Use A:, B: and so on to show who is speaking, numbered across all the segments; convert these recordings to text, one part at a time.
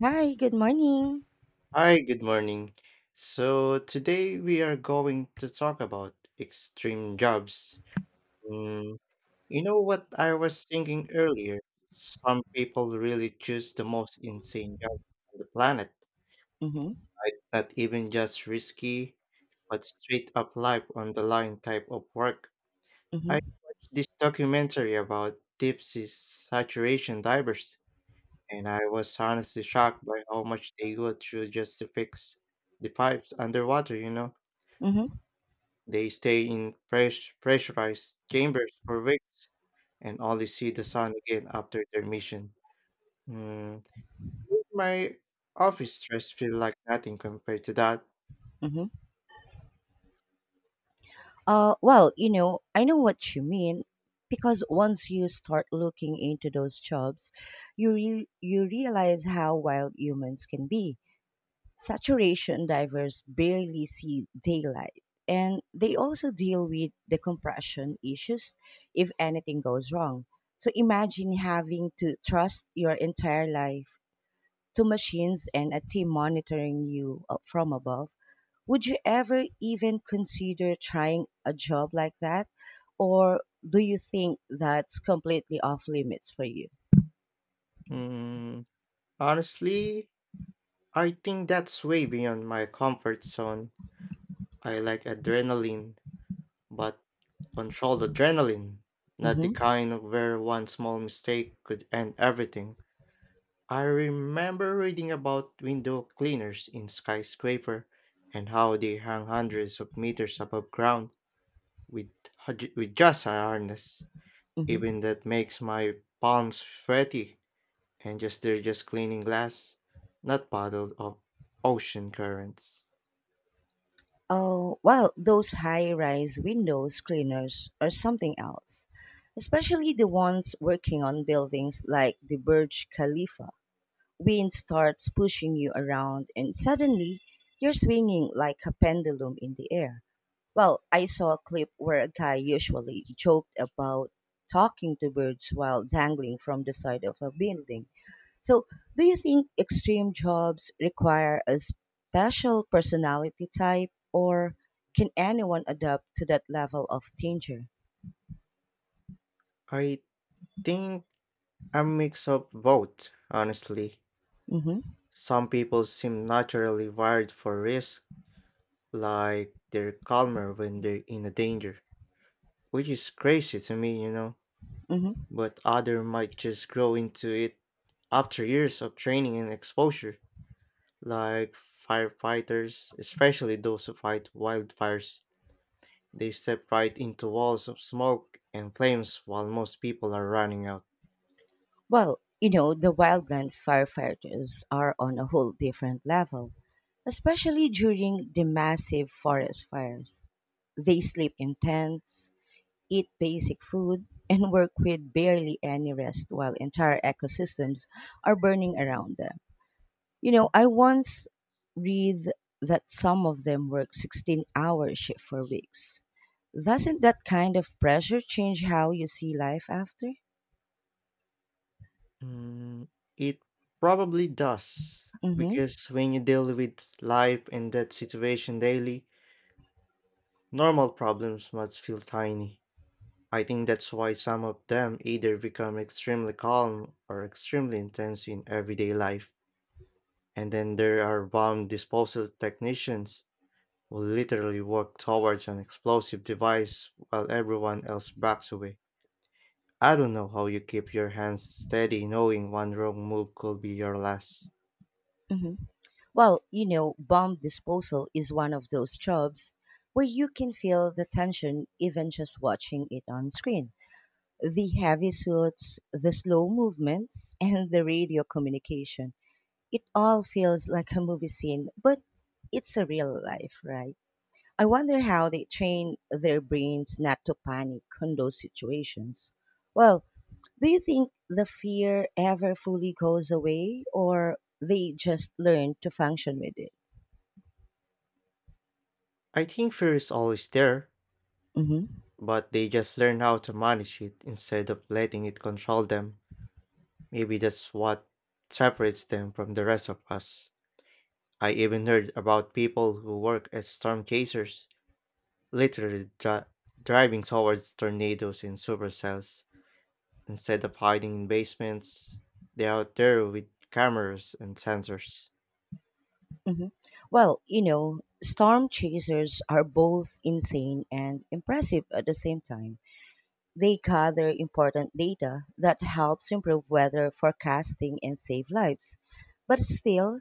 A: Hi, good morning.
B: Hi, good morning. So today we are going to talk about extreme jobs. Mm, you know what I was thinking earlier? Some people really choose the most insane jobs on the planet.
A: Mm-hmm,
B: Like, not even just risky, but straight up life on the line type of work.
A: mm-hmm,
B: I watched this documentary about deep sea saturation divers, and I was honestly shocked by how much they go through just to fix the pipes underwater.
A: mm-hmm,
B: They stay in pressurized chambers for weeks and only see the sun again after their mission. Mm, Made my office stress feel like nothing compared to that.
A: mm-hmm. I know what you mean because once you start looking into those jobs, you realize how wild humans can be. Saturation divers barely see daylight, and they also deal with the compression issues if anything goes wrong. So imagine having to trust your entire life to machines and a team monitoring you from above. Would you ever even consider trying a job like that? Or do you think that's completely off limits for you?
B: Mm, Honestly, I think that's way beyond my comfort zone. I like adrenaline, but controlled adrenaline, not the
A: Hmm.
B: kind of where one small mistake could end everything. I remember reading about window cleaners in skyscraper and how they hang hundreds of meters above ground with with just a harness.
A: Hmm.
B: Even that makes my palms sweaty, and just they're just cleaning glass, not puddled of ocean currents.
A: Oh, well, those high rise windows cleaners are something else, especially the ones working on buildings like the Burj Khalifa. Wind starts pushing you around and suddenly you're swinging like a pendulum in the air. Well, I saw a clip where a guy usually joked about talking to birds while dangling from the side of a building. So, do you think extreme jobs require a special personality type or can anyone adapt to that level of danger?
B: I think a mix of both, honestly.
A: Mm-hmm,
B: Some people seem naturally wired for risk, like they're calmer when they're in a danger, which is crazy to me.
A: mm-hmm.
B: But other might just grow into it after years of training and exposure, like firefighters, especially those who fight wildfires. They step right into walls of smoke and flames while most people are running out.
A: Well, you know, the wildland firefighters are on a whole different level, especially during the massive forest fires. They sleep in tents, eat basic food, and work with barely any rest while entire ecosystems are burning around them. You know, I once read that some of them work 16-hour shift for weeks. Doesn't that kind of pressure change how you see life after?
B: Mm, it probably does,
A: Mm-hmm.
B: because when you deal with life and that situation daily, normal problems must feel tiny. I think that's why some of them either become extremely calm or extremely intense in everyday life. And then there are bomb disposal technicians who literally work towards an explosive device while everyone else backs away. I don't know how you keep your hands steady knowing one wrong move could be your last.
A: Mm-hmm. Well, you know, bomb disposal is one of those jobs where you can feel the tension even just watching it on screen. The heavy suits, the slow movements, and the radio communication. It all feels like a movie scene, but it's a real life, right? I wonder how they train their brains not to panic on those situations. Well, do you think the fear ever fully goes away or they just learn to function with it?
B: I think fear is always there,
A: Mhm.
B: but they just learn how to manage it instead of letting it control them. Maybe that's what separates them from the rest of us. I even heard about people who work as storm chasers, literally driving towards tornadoes in supercells. Instead of hiding in basements, they're out there with cameras and sensors.
A: Mhm. Well, you know, storm chasers are both insane and impressive at the same time. They gather important data that helps improve weather forecasting and save lives. But still,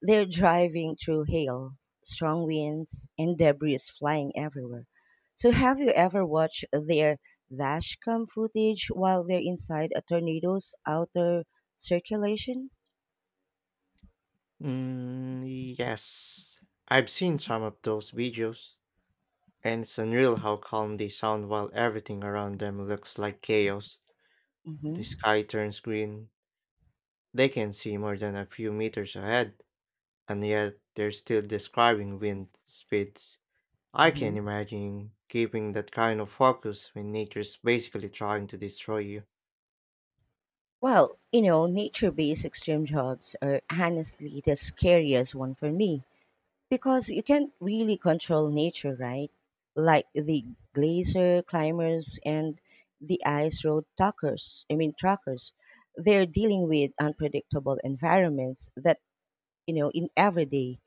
A: they're driving through hail, strong winds, and debris flying everywhere. So, have you ever watched their dashcam footage while they're inside a tornado's outer circulation?
B: Mm, yes, I've seen some of those videos, and it's unreal how calm they sound while everything around them looks like chaos. The
A: Mm-hmm.
B: sky turns green, they can see more than a few meters ahead, and yet they're still describing wind speeds. I
A: Mm-hmm.
B: can imagine keeping that kind of focus when nature's basically trying to destroy you.
A: Well, you know, nature based extreme jobs are honestly the scariest one for me because you can't really control nature, right? Like the glacier climbers and the ice road truckers, I mean, truckers. They're dealing with unpredictable environments that you know, in every day.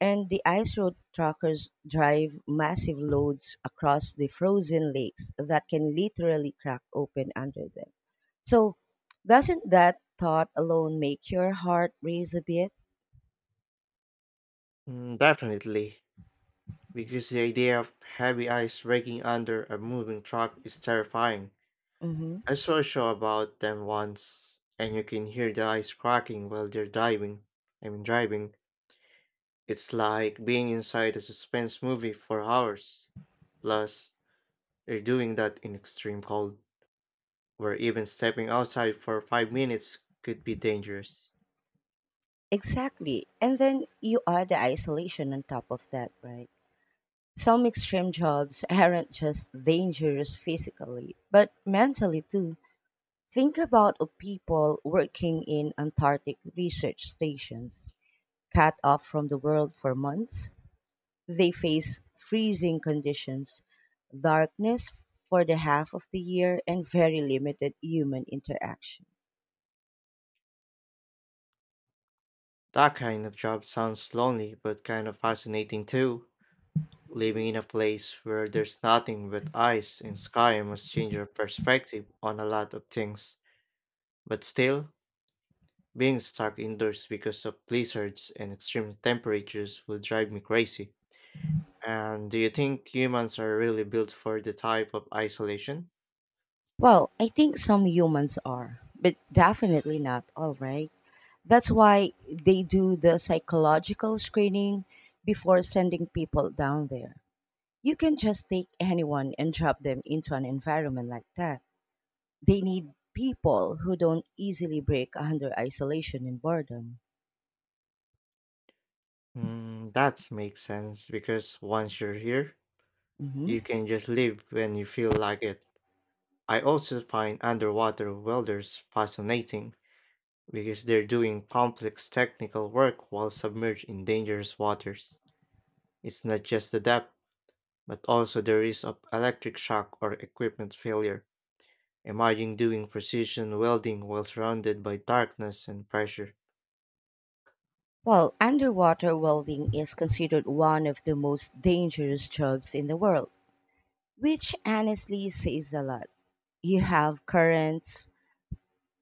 A: And the ice road truckers drive massive loads across the frozen lakes that can literally crack open under them. So, doesn't that thought alone make your heart race a bit?
B: Mm, definitely, because the idea of heavy ice breaking under a moving truck is terrifying.
A: Hmm.
B: I saw a show about them once, and you can hear the ice cracking while they're diving. I mean, driving. It's like being inside a suspense movie for hours. Plus, they're doing that in extreme cold, where even stepping outside for 5 minutes could be dangerous.
A: Exactly. And then you add the isolation on top of that, right? Some extreme jobs aren't just dangerous physically, but mentally too. Think about of people working in Antarctic research stations cut off from the world for months. They faced freezing conditions, darkness for the half of the year, and very limited human interaction.
B: That kind of job sounds lonely but kind of fascinating too. Living in
A: Hmm.
B: a place where there's nothing but ice and sky must change your perspective on a lot of things. But still, being stuck indoors because of blizzards and extreme temperatures would drive me crazy. And do you think humans are really built for the type of isolation?
A: Well, I think some humans are, but definitely not all, right? That's why they do the psychological screening before sending people down there. You can just take anyone and drop them into an environment like that. They need people who don't easily break under isolation and boredom.
B: That makes sense because once you're here,
A: Hmm.
B: you can just leave when you feel like it. I also find underwater welders fascinating because they're doing complex technical work while submerged in dangerous waters. It's not just the depth, but also the risk of electric shock or equipment failure. Imagine doing precision welding while surrounded by darkness and pressure.
A: Well, underwater welding is considered one of the most dangerous jobs in the world, which honestly says a lot. You have currents,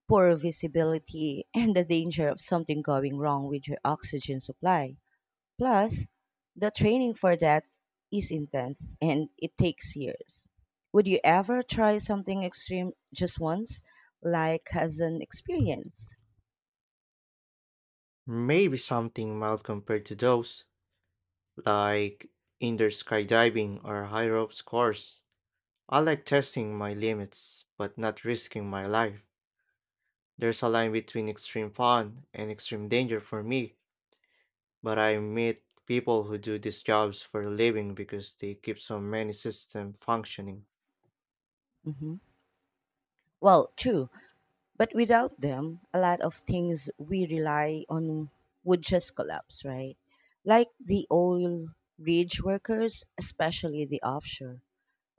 A: poor visibility, and the danger of something going wrong with your oxygen supply. Plus, the training for that is intense and it takes years. Would you ever try something extreme just once, like as an experience?
B: Maybe something mild compared to those, like indoor skydiving or high ropes course. I like testing my limits, but not risking my life. There's a line between extreme fun and extreme danger for me, but I meet people who do these jobs for a living because they keep so many systems functioning.
A: Hmm. Well, true. But without them, a lot of things we rely on would just collapse, right? Like the oil rig workers, especially the offshore.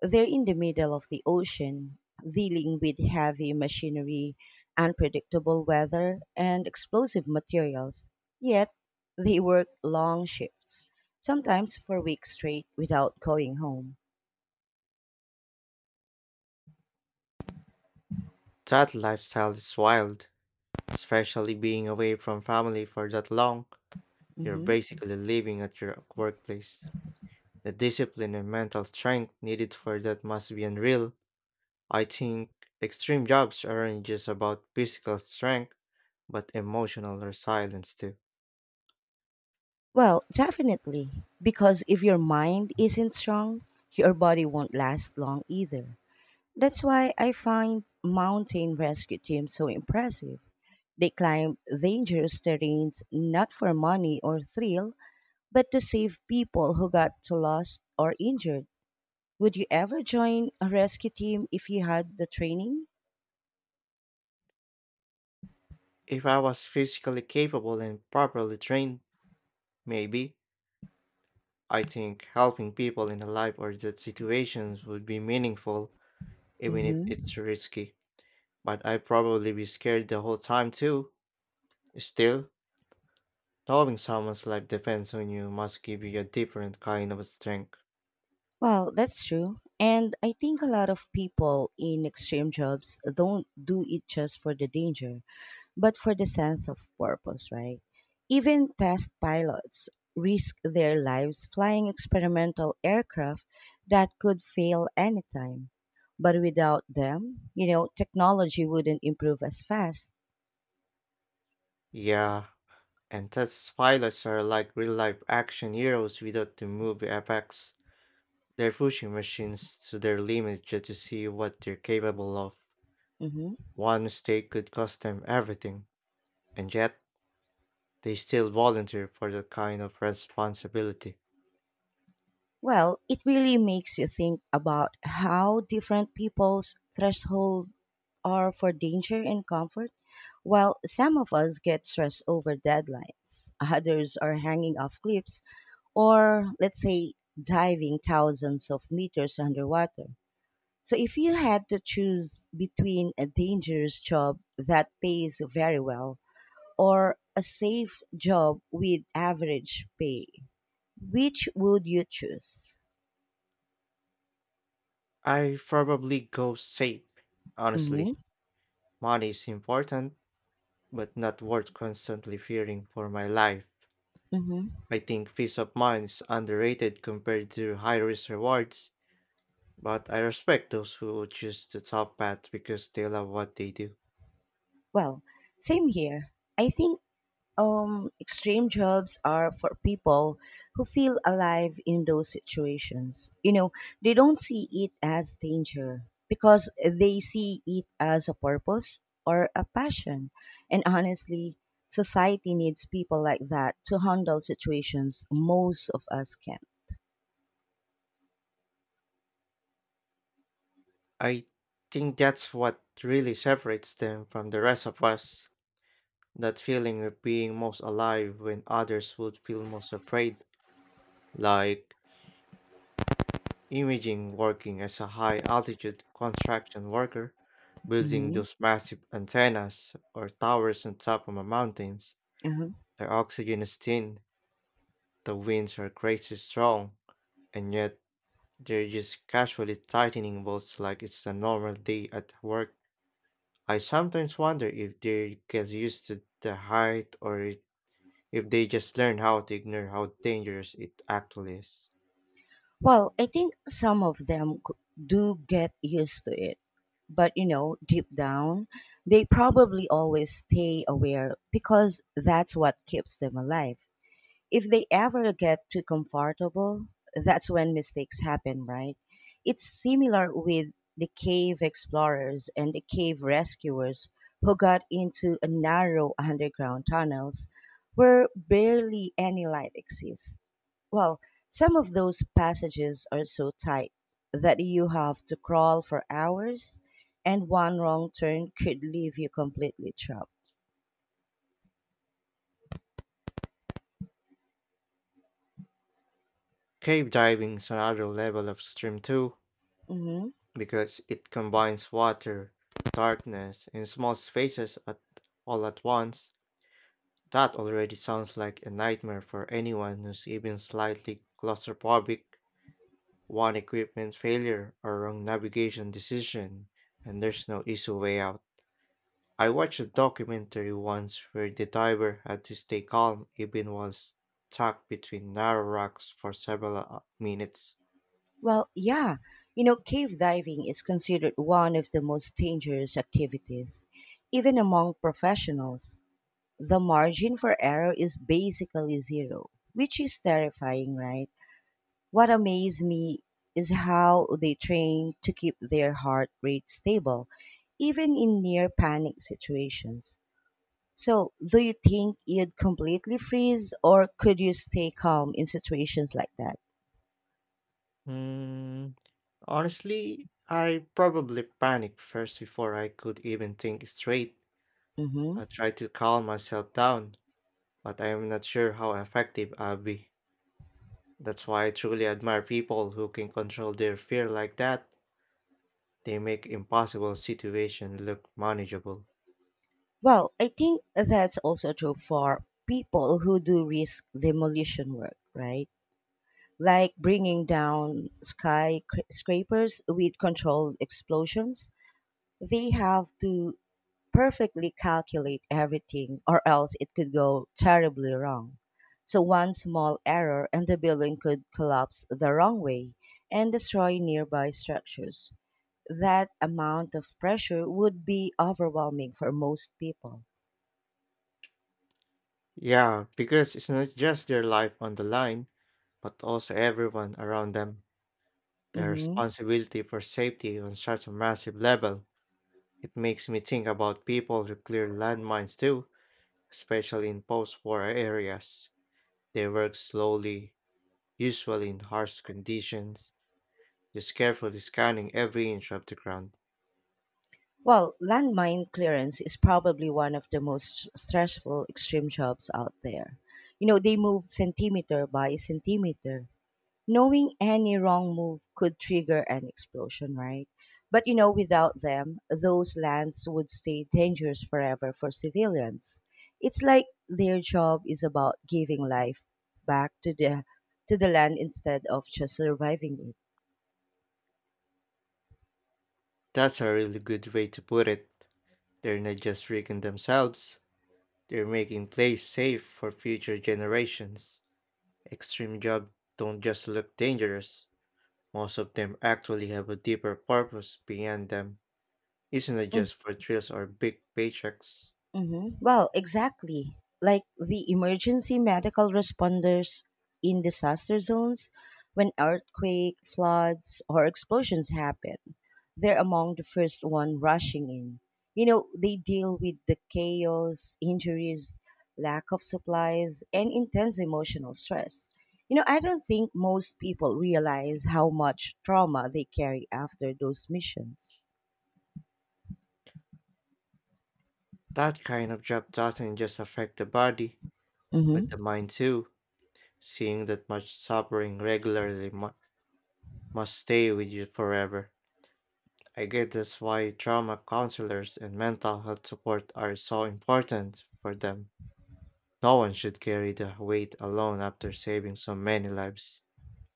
A: They're in the middle of the ocean, dealing with heavy machinery, unpredictable weather, and explosive materials. Yet, they work long shifts, sometimes for weeks straight without going home.
B: That lifestyle is wild, especially being away from family for that long. You're
A: Mm-hmm.
B: basically living at your workplace. The discipline and mental strength needed for that must be unreal. I think extreme jobs aren't just about physical strength but emotional resilience too.
A: Well, definitely. Because if your mind isn't strong, your body won't last long either. That's why I find mountain rescue teams so impressive. They climb dangerous terrains not for money or thrill, but to save people who got lost or injured. Would you ever join a rescue team if you had the training?
B: If I was physically capable and properly trained, maybe I think helping people in a life or death situations would be meaningful, even if it's
A: Mm-hmm.
B: risky. But I'd probably be scared the whole time too. Still, knowing someone's life depends on you must give you a different kind of strength.
A: Well, that's true. And I think a lot of people in extreme jobs don't do it just for the danger, but for the sense of purpose, right? Even test pilots risk their lives flying experimental aircraft that could fail anytime. But without them, you know, technology wouldn't improve as fast.
B: Yeah, and test pilots are like real life action heroes without the movie effects. They're pushing machines to their limits just to see what they're capable of.
A: Mhm.
B: One mistake could cost them everything, and yet they still volunteer for that kind of responsibility.
A: Well, it really makes you think about how different people's threshold are for danger and comfort, while some of us get stressed over deadlines, others are hanging off cliffs, or let's say diving thousands of meters underwater. So, if you had to choose between a dangerous job that pays very well or a safe job with average pay, which would you choose?
B: I probably go safe. Honestly,
A: Mm-hmm.
B: money is important, but not worth constantly fearing for my life.
A: Mm-hmm.
B: I think peace of mind is underrated compared to high risk rewards, but I respect those who choose the top path because they love what they do.
A: Well, same here. I think Extreme jobs are for people who feel alive in those situations. You know, they don't see it as danger because they see it as a purpose or a passion. And honestly, society needs people like that to handle situations most of us can.
B: I think that's what really separates them from the rest of us. That feeling of being most alive when others would feel most afraid, like imaging working as a high altitude construction worker, building
A: Mm-hmm.
B: those massive antennas or towers on top of the mountains. The oxygen is thin, the winds are crazy strong, and yet they're just casually tightening bolts like it's a normal day at work. I sometimes wonder if they get used to the height or if they just learn how to ignore how dangerous it actually is.
A: Well, I think some of them g- do get used to it. But, you know, deep down, they probably always stay aware because that's what keeps them alive. If they ever get too comfortable, that's when mistakes happen, right? It's similar with the cave explorers and the cave rescuers who got into a narrow underground tunnels where barely any light exists, well, some of those passages are so tight that you have to crawl for hours, and one wrong turn could leave you completely trapped.
B: Cave diving is another level of extreme too,
A: Hmm.
B: because it combines water, darkness, and small spaces at all at once. That already sounds like a nightmare for anyone who's even slightly claustrophobic. One equipment failure or wrong navigation decision, and there's no easy way out. I watched a documentary once where the diver had to stay calm even while stuck between narrow rocks for several minutes.
A: Well, yeah, you know, cave diving is considered one of the most dangerous activities, even among professionals. The margin for error is basically zero, which is terrifying, right? What amazed me is how they train to keep their heart rate stable, even in near panic situations. So, do you think you'd completely freeze or could you stay calm in situations like that?
B: Mm, Honestly, I probably panicked first before I could even think straight.
A: Hmm.
B: I tried to calm myself down, but I am not sure how effective I'll be. That's why I truly admire people who can control their fear like that. They make impossible situations look manageable.
A: Well, I think that's also true for people who do risk demolition work, right? Like bringing down skyscrapers with controlled explosions. They have to perfectly calculate everything or else it could go terribly wrong. So one small error and the building could collapse the wrong way and destroy nearby structures. That amount of pressure would be overwhelming for most people.
B: Yeah, because it's not just their life on the line, but also everyone around them. Their
A: Hmm.
B: responsibility for safety on such a massive level. It makes me think about people who clear landmines too, especially in post war areas. They work slowly, usually in harsh conditions, just carefully scanning every inch of the ground.
A: Well, landmine clearance is probably one of the most stressful extreme jobs out there. You know, they move centimeter by centimeter knowing any wrong move could trigger an explosion, right? But you know, without them, those lands would stay dangerous forever for civilians. It's like their job is about giving life back to the land instead of just surviving
B: That's a really good way to put it. They're not just rigging themselves, they're making place safe for future generations. Extreme jobs don't just look dangerous, most of them actually have a deeper purpose beyond them. Isn't it
A: it.
B: just for thrills or big paychecks?
A: Hmm. Well, exactly. Like the emergency medical responders in disaster zones when earthquake, floods, or explosions happen. They're among the first one rushing in. You know, they deal with the chaos, injuries, lack of supplies, and intense emotional stress. You know, I don't think most people realize how much trauma they carry after those missions.
B: That kind of job doesn't just affect the body, but the mind too. Seeing that much suffering regularly must stay with you forever. I get that's why trauma counselors and mental health support are so important for them. No one should carry the weight alone after saving so many lives.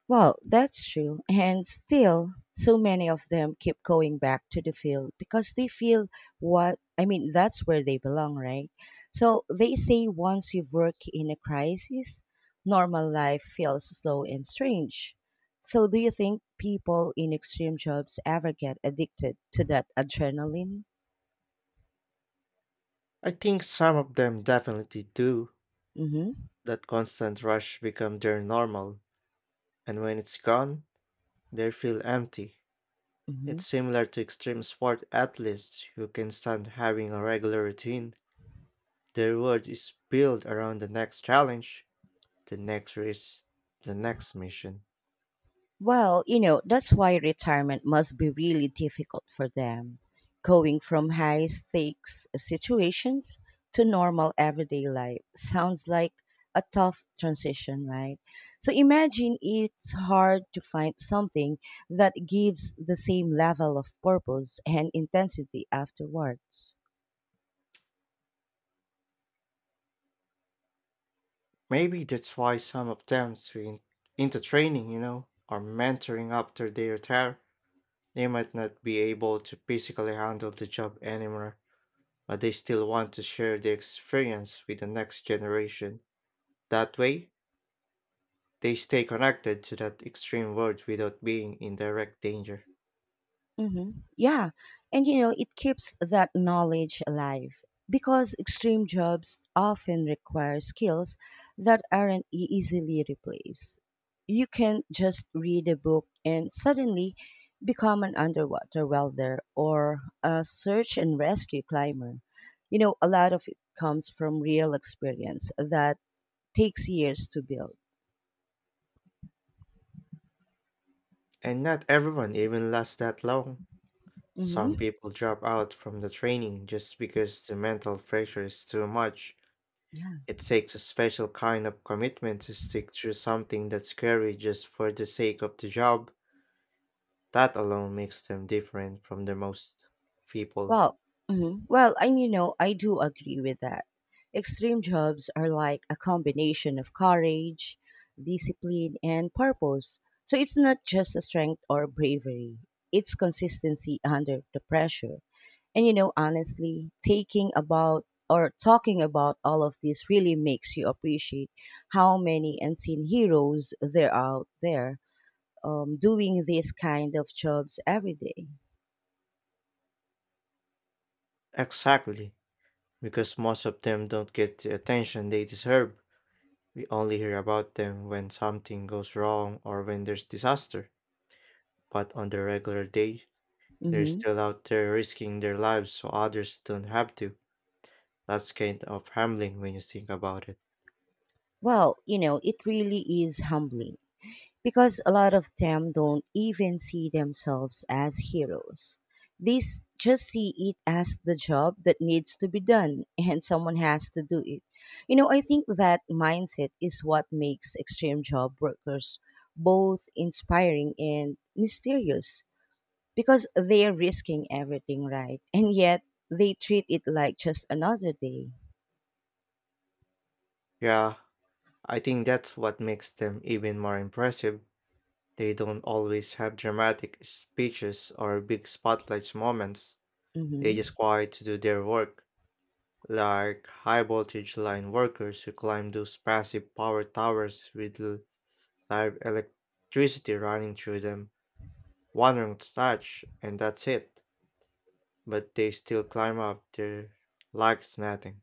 A: Well, that's true. And still, so many of them keep going back to the field because they feel that's where they belong, right? So they say once you work in a crisis, normal life feels slow and strange. So do you think people in extreme jobs ever get addicted to that adrenaline?
B: I think some of them definitely do.
A: Mm-hmm.
B: That constant rush becomes their normal, and when it's gone, they feel empty. It's
A: Mm-hmm.
B: similar to extreme sport athletes who can stand having a regular routine. Their world is built around the next challenge, the next race, the next mission.
A: Well, you know, that's why retirement must be really difficult for them, going from high stakes situations to normal everyday life. Sounds like a tough transition, right? So imagine it's hard to find something that gives the same level of purpose and intensity afterwards.
B: Maybe that's why some of them swing into training, or mentoring after they retire. They might not be able to physically handle the job anymore, but they still want to share their experience with the next generation. That way, they stay connected to that extreme world without being in direct danger.
A: Mm-hmm. Yeah. And you know, it keeps that knowledge alive because extreme jobs often require skills that aren't e- easily replaced. You can just read a book and suddenly become an underwater welder or a search and rescue climber. You know, a lot of it comes from real experience that takes years to build.
B: And not everyone even lasts that long. Some
A: Mm-hmm.
B: people drop out from the training just because the mental pressure is too much.
A: Yeah.
B: It takes a special kind of commitment to stick to something that's scary just for the sake of the job. That alone makes them different from the most people.
A: Well, mhm, well, and you know, I do agree with that. Extreme jobs are like a combination of courage, discipline, and purpose. So it's not just a strength or bravery, it's consistency under the pressure. And you know, honestly, taking about or talking about all of this really makes you appreciate how many unseen heroes there are out there doing these kind of jobs every day.
B: Exactly, because most of them don't get the attention they deserve. We only hear about them when something goes wrong or when there's disaster. But on the regular day, they're
A: Mm-hmm.
B: still out there risking their lives so others don't have to. That's kind of humbling when you think about it.
A: Well, you know, it really is humbling because a lot of them don't even see themselves as heroes. Just see it as the job that needs to be done and someone has to do it. You know, I think that mindset is what makes extreme job workers both inspiring and mysterious because they're risking everything, right? And yet they treat it like just another day.
B: Yeah, I think that's what makes them even more impressive. They don't always have dramatic speeches or big spotlight moments. They just
A: Hmm.
B: quiet to do their work, like high voltage line workers who climb those massive power towers with live electricity running through them. One wrong touch, and that's it. But they still climb up there like it's nothing.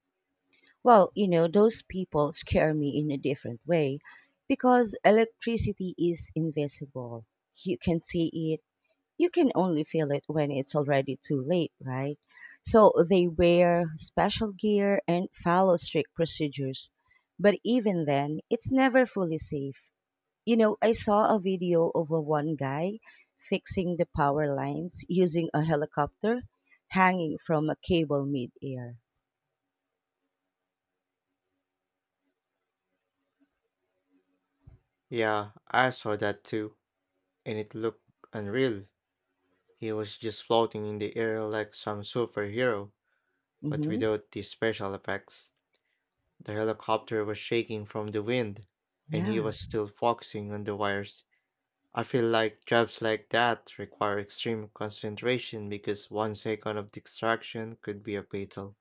A: Well, you know, those people scare me in a different way because electricity is invisible. You can see it, you can only feel it when it's already too late, right? So they wear special gear and follow strict procedures. But even then, it's never fully safe. You know, I saw a video of a one guy fixing the power lines using a helicopter hanging from a cable midair.
B: Yeah, I saw that too, and it looked unreal. He was just floating in the air like some superhero, but
A: Mm-hmm.
B: without the special effects. The helicopter was shaking from the wind, and he
A: Yeah.
B: was still focusing on the wires. I feel like jobs like that require extreme concentration because 1 second of distraction could be a fatal.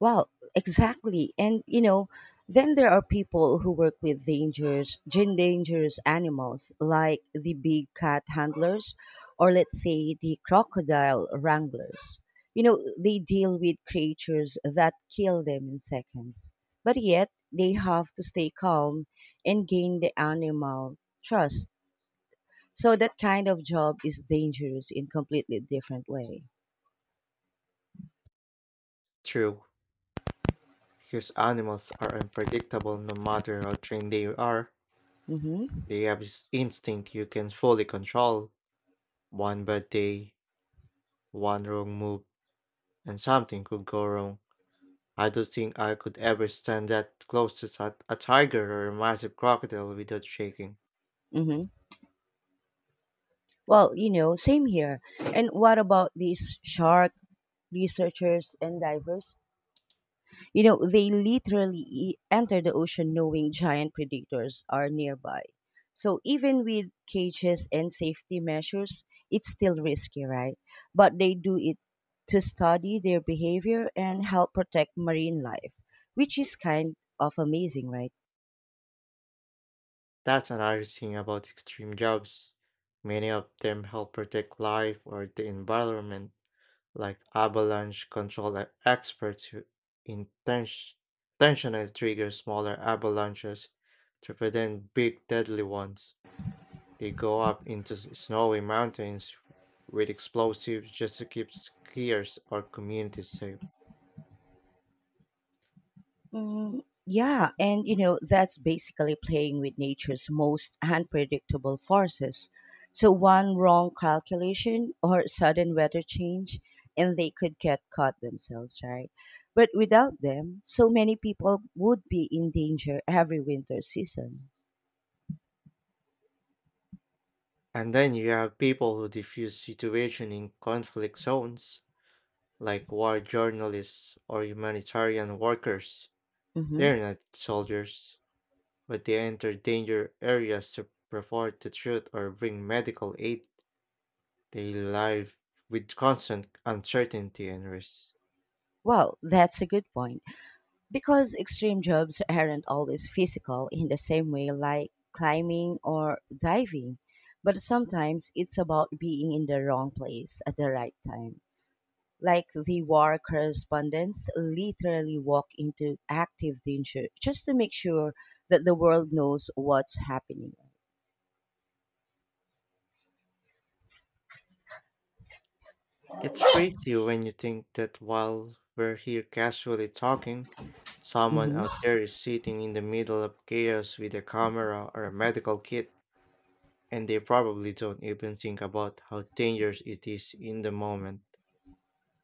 A: Well, exactly. And you know, then there are people who work with dangerous animals like the big cat handlers or let's say the crocodile wranglers. You know, they deal with creatures that kill them in seconds. But yet, they have to stay calm and gain the animal trust. So that kind of job is dangerous in completely different way.
B: True, because animals are unpredictable no matter how trained they are.
A: Mhm.
B: They have this instinct you can fully control. One bad day, one wrong move, and something could go wrong. I don't think I could ever stand that close to a tiger or a massive crocodile without shaking.
A: Mhm. Well, you know, same here. And what about these shark researchers and divers? You know, they literally enter the ocean knowing giant predators are nearby. So even with cages and safety measures, it's still risky, right? But they do it to study their behavior and help protect marine life, which is kind of amazing, right?
B: That's another thing about extreme jobs. Many of them help protect life or the environment, like avalanche control experts who intention- intentionally trigger smaller avalanches to prevent big deadly ones. They go up into snowy mountains with explosives just to keep skiers or communities safe.
A: Mm, yeah, and you know, that's basically playing with nature's most unpredictable forces. So, one wrong calculation or sudden weather change, and they could get caught themselves, right? But without them, so many people would be in danger every winter season.
B: And then you have people who diffuse situation in conflict zones, like war journalists or humanitarian workers.
A: Hmm.
B: They're not soldiers, but they enter danger areas to report the truth or bring medical aid. They live with constant uncertainty and risk.
A: Well, that's a good point. Because extreme jobs aren't always physical in the same way like climbing or diving, but sometimes it's about being in the wrong place at the right time. Like the war correspondents literally walk into active danger just to make sure that the world knows what's happening.
B: It's crazy when you think that while we're here casually talking, someone
A: Hmm.
B: out there is sitting in the middle of chaos with a camera or a medical kit. And they probably don't even think about how dangerous it is in the moment.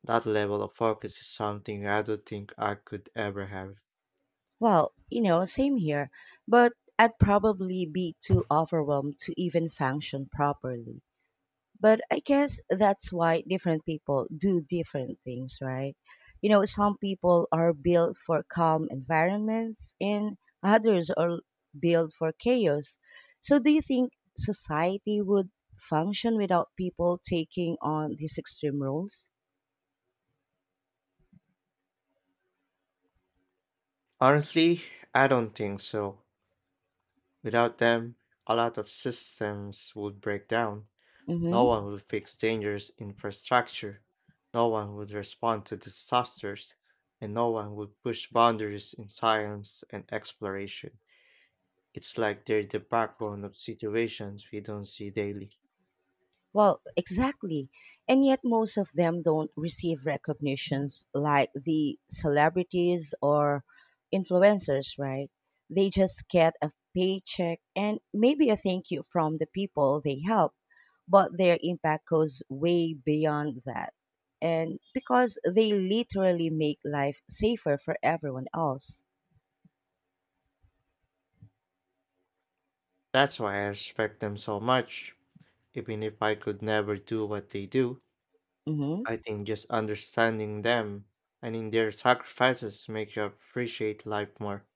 B: That level of focus is something I don't think I could ever have.
A: Well, you know, same here, but I'd probably be too overwhelmed to even function properly, but I guess that's why different people do different things, right? You know, some people are built for calm environments and others are built for chaos. So, do you think society would function without people taking on these extreme roles?
B: Honestly, I don't think so. Without them, a lot of systems would break down. No one
A: Mm-hmm.
B: would fix dangerous infrastructure. No one would respond to disasters. And no one would push boundaries in science and exploration. It's like they're the backbone of situations we don't see daily.
A: Well, exactly. And yet most of them don't receive recognitions like the celebrities or influencers, right? They just get a paycheck and maybe a thank you from the people they help, but their impact goes way beyond that. And because they literally make life safer for everyone else.
B: That's why I respect them so much. Even if I could never do what they do,
A: Mhm.
B: I think just understanding them and in their sacrifices makes you appreciate life more.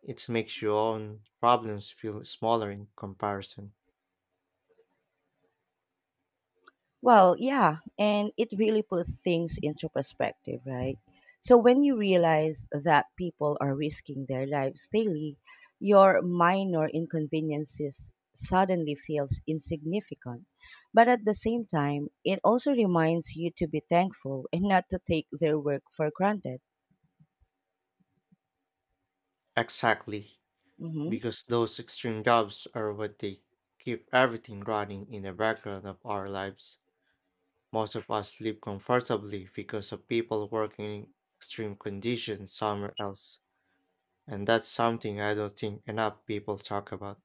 B: It makes your own problems feel smaller in comparison.
A: Well, yeah, and it really puts things into perspective, right? So when you realize that people are risking their lives daily, your minor inconveniences suddenly feels insignificant. But at the same time, it also reminds you to be thankful and not to take their work for granted.
B: Exactly,
A: Mm-hmm.
B: because those extreme jobs are what they keep everything running in the background of our lives. Most of us live comfortably because of people working in extreme conditions somewhere else. And that's something I don't think enough people talk about.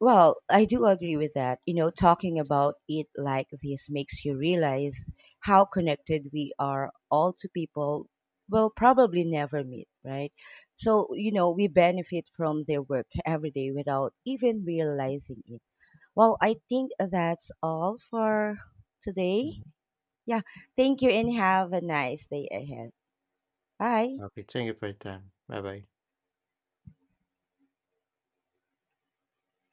A: Well, I do agree with that. You know, talking about it like this makes you realize how connected we are all to people we'll probably never meet, right? So, you know, we benefit from their work every day without even realizing it. Well, I think that's all for today.
B: Mm.
A: Yeah. Thank you and have a nice day ahead. Bye.
B: Okay, thank you for your time. Bye bye.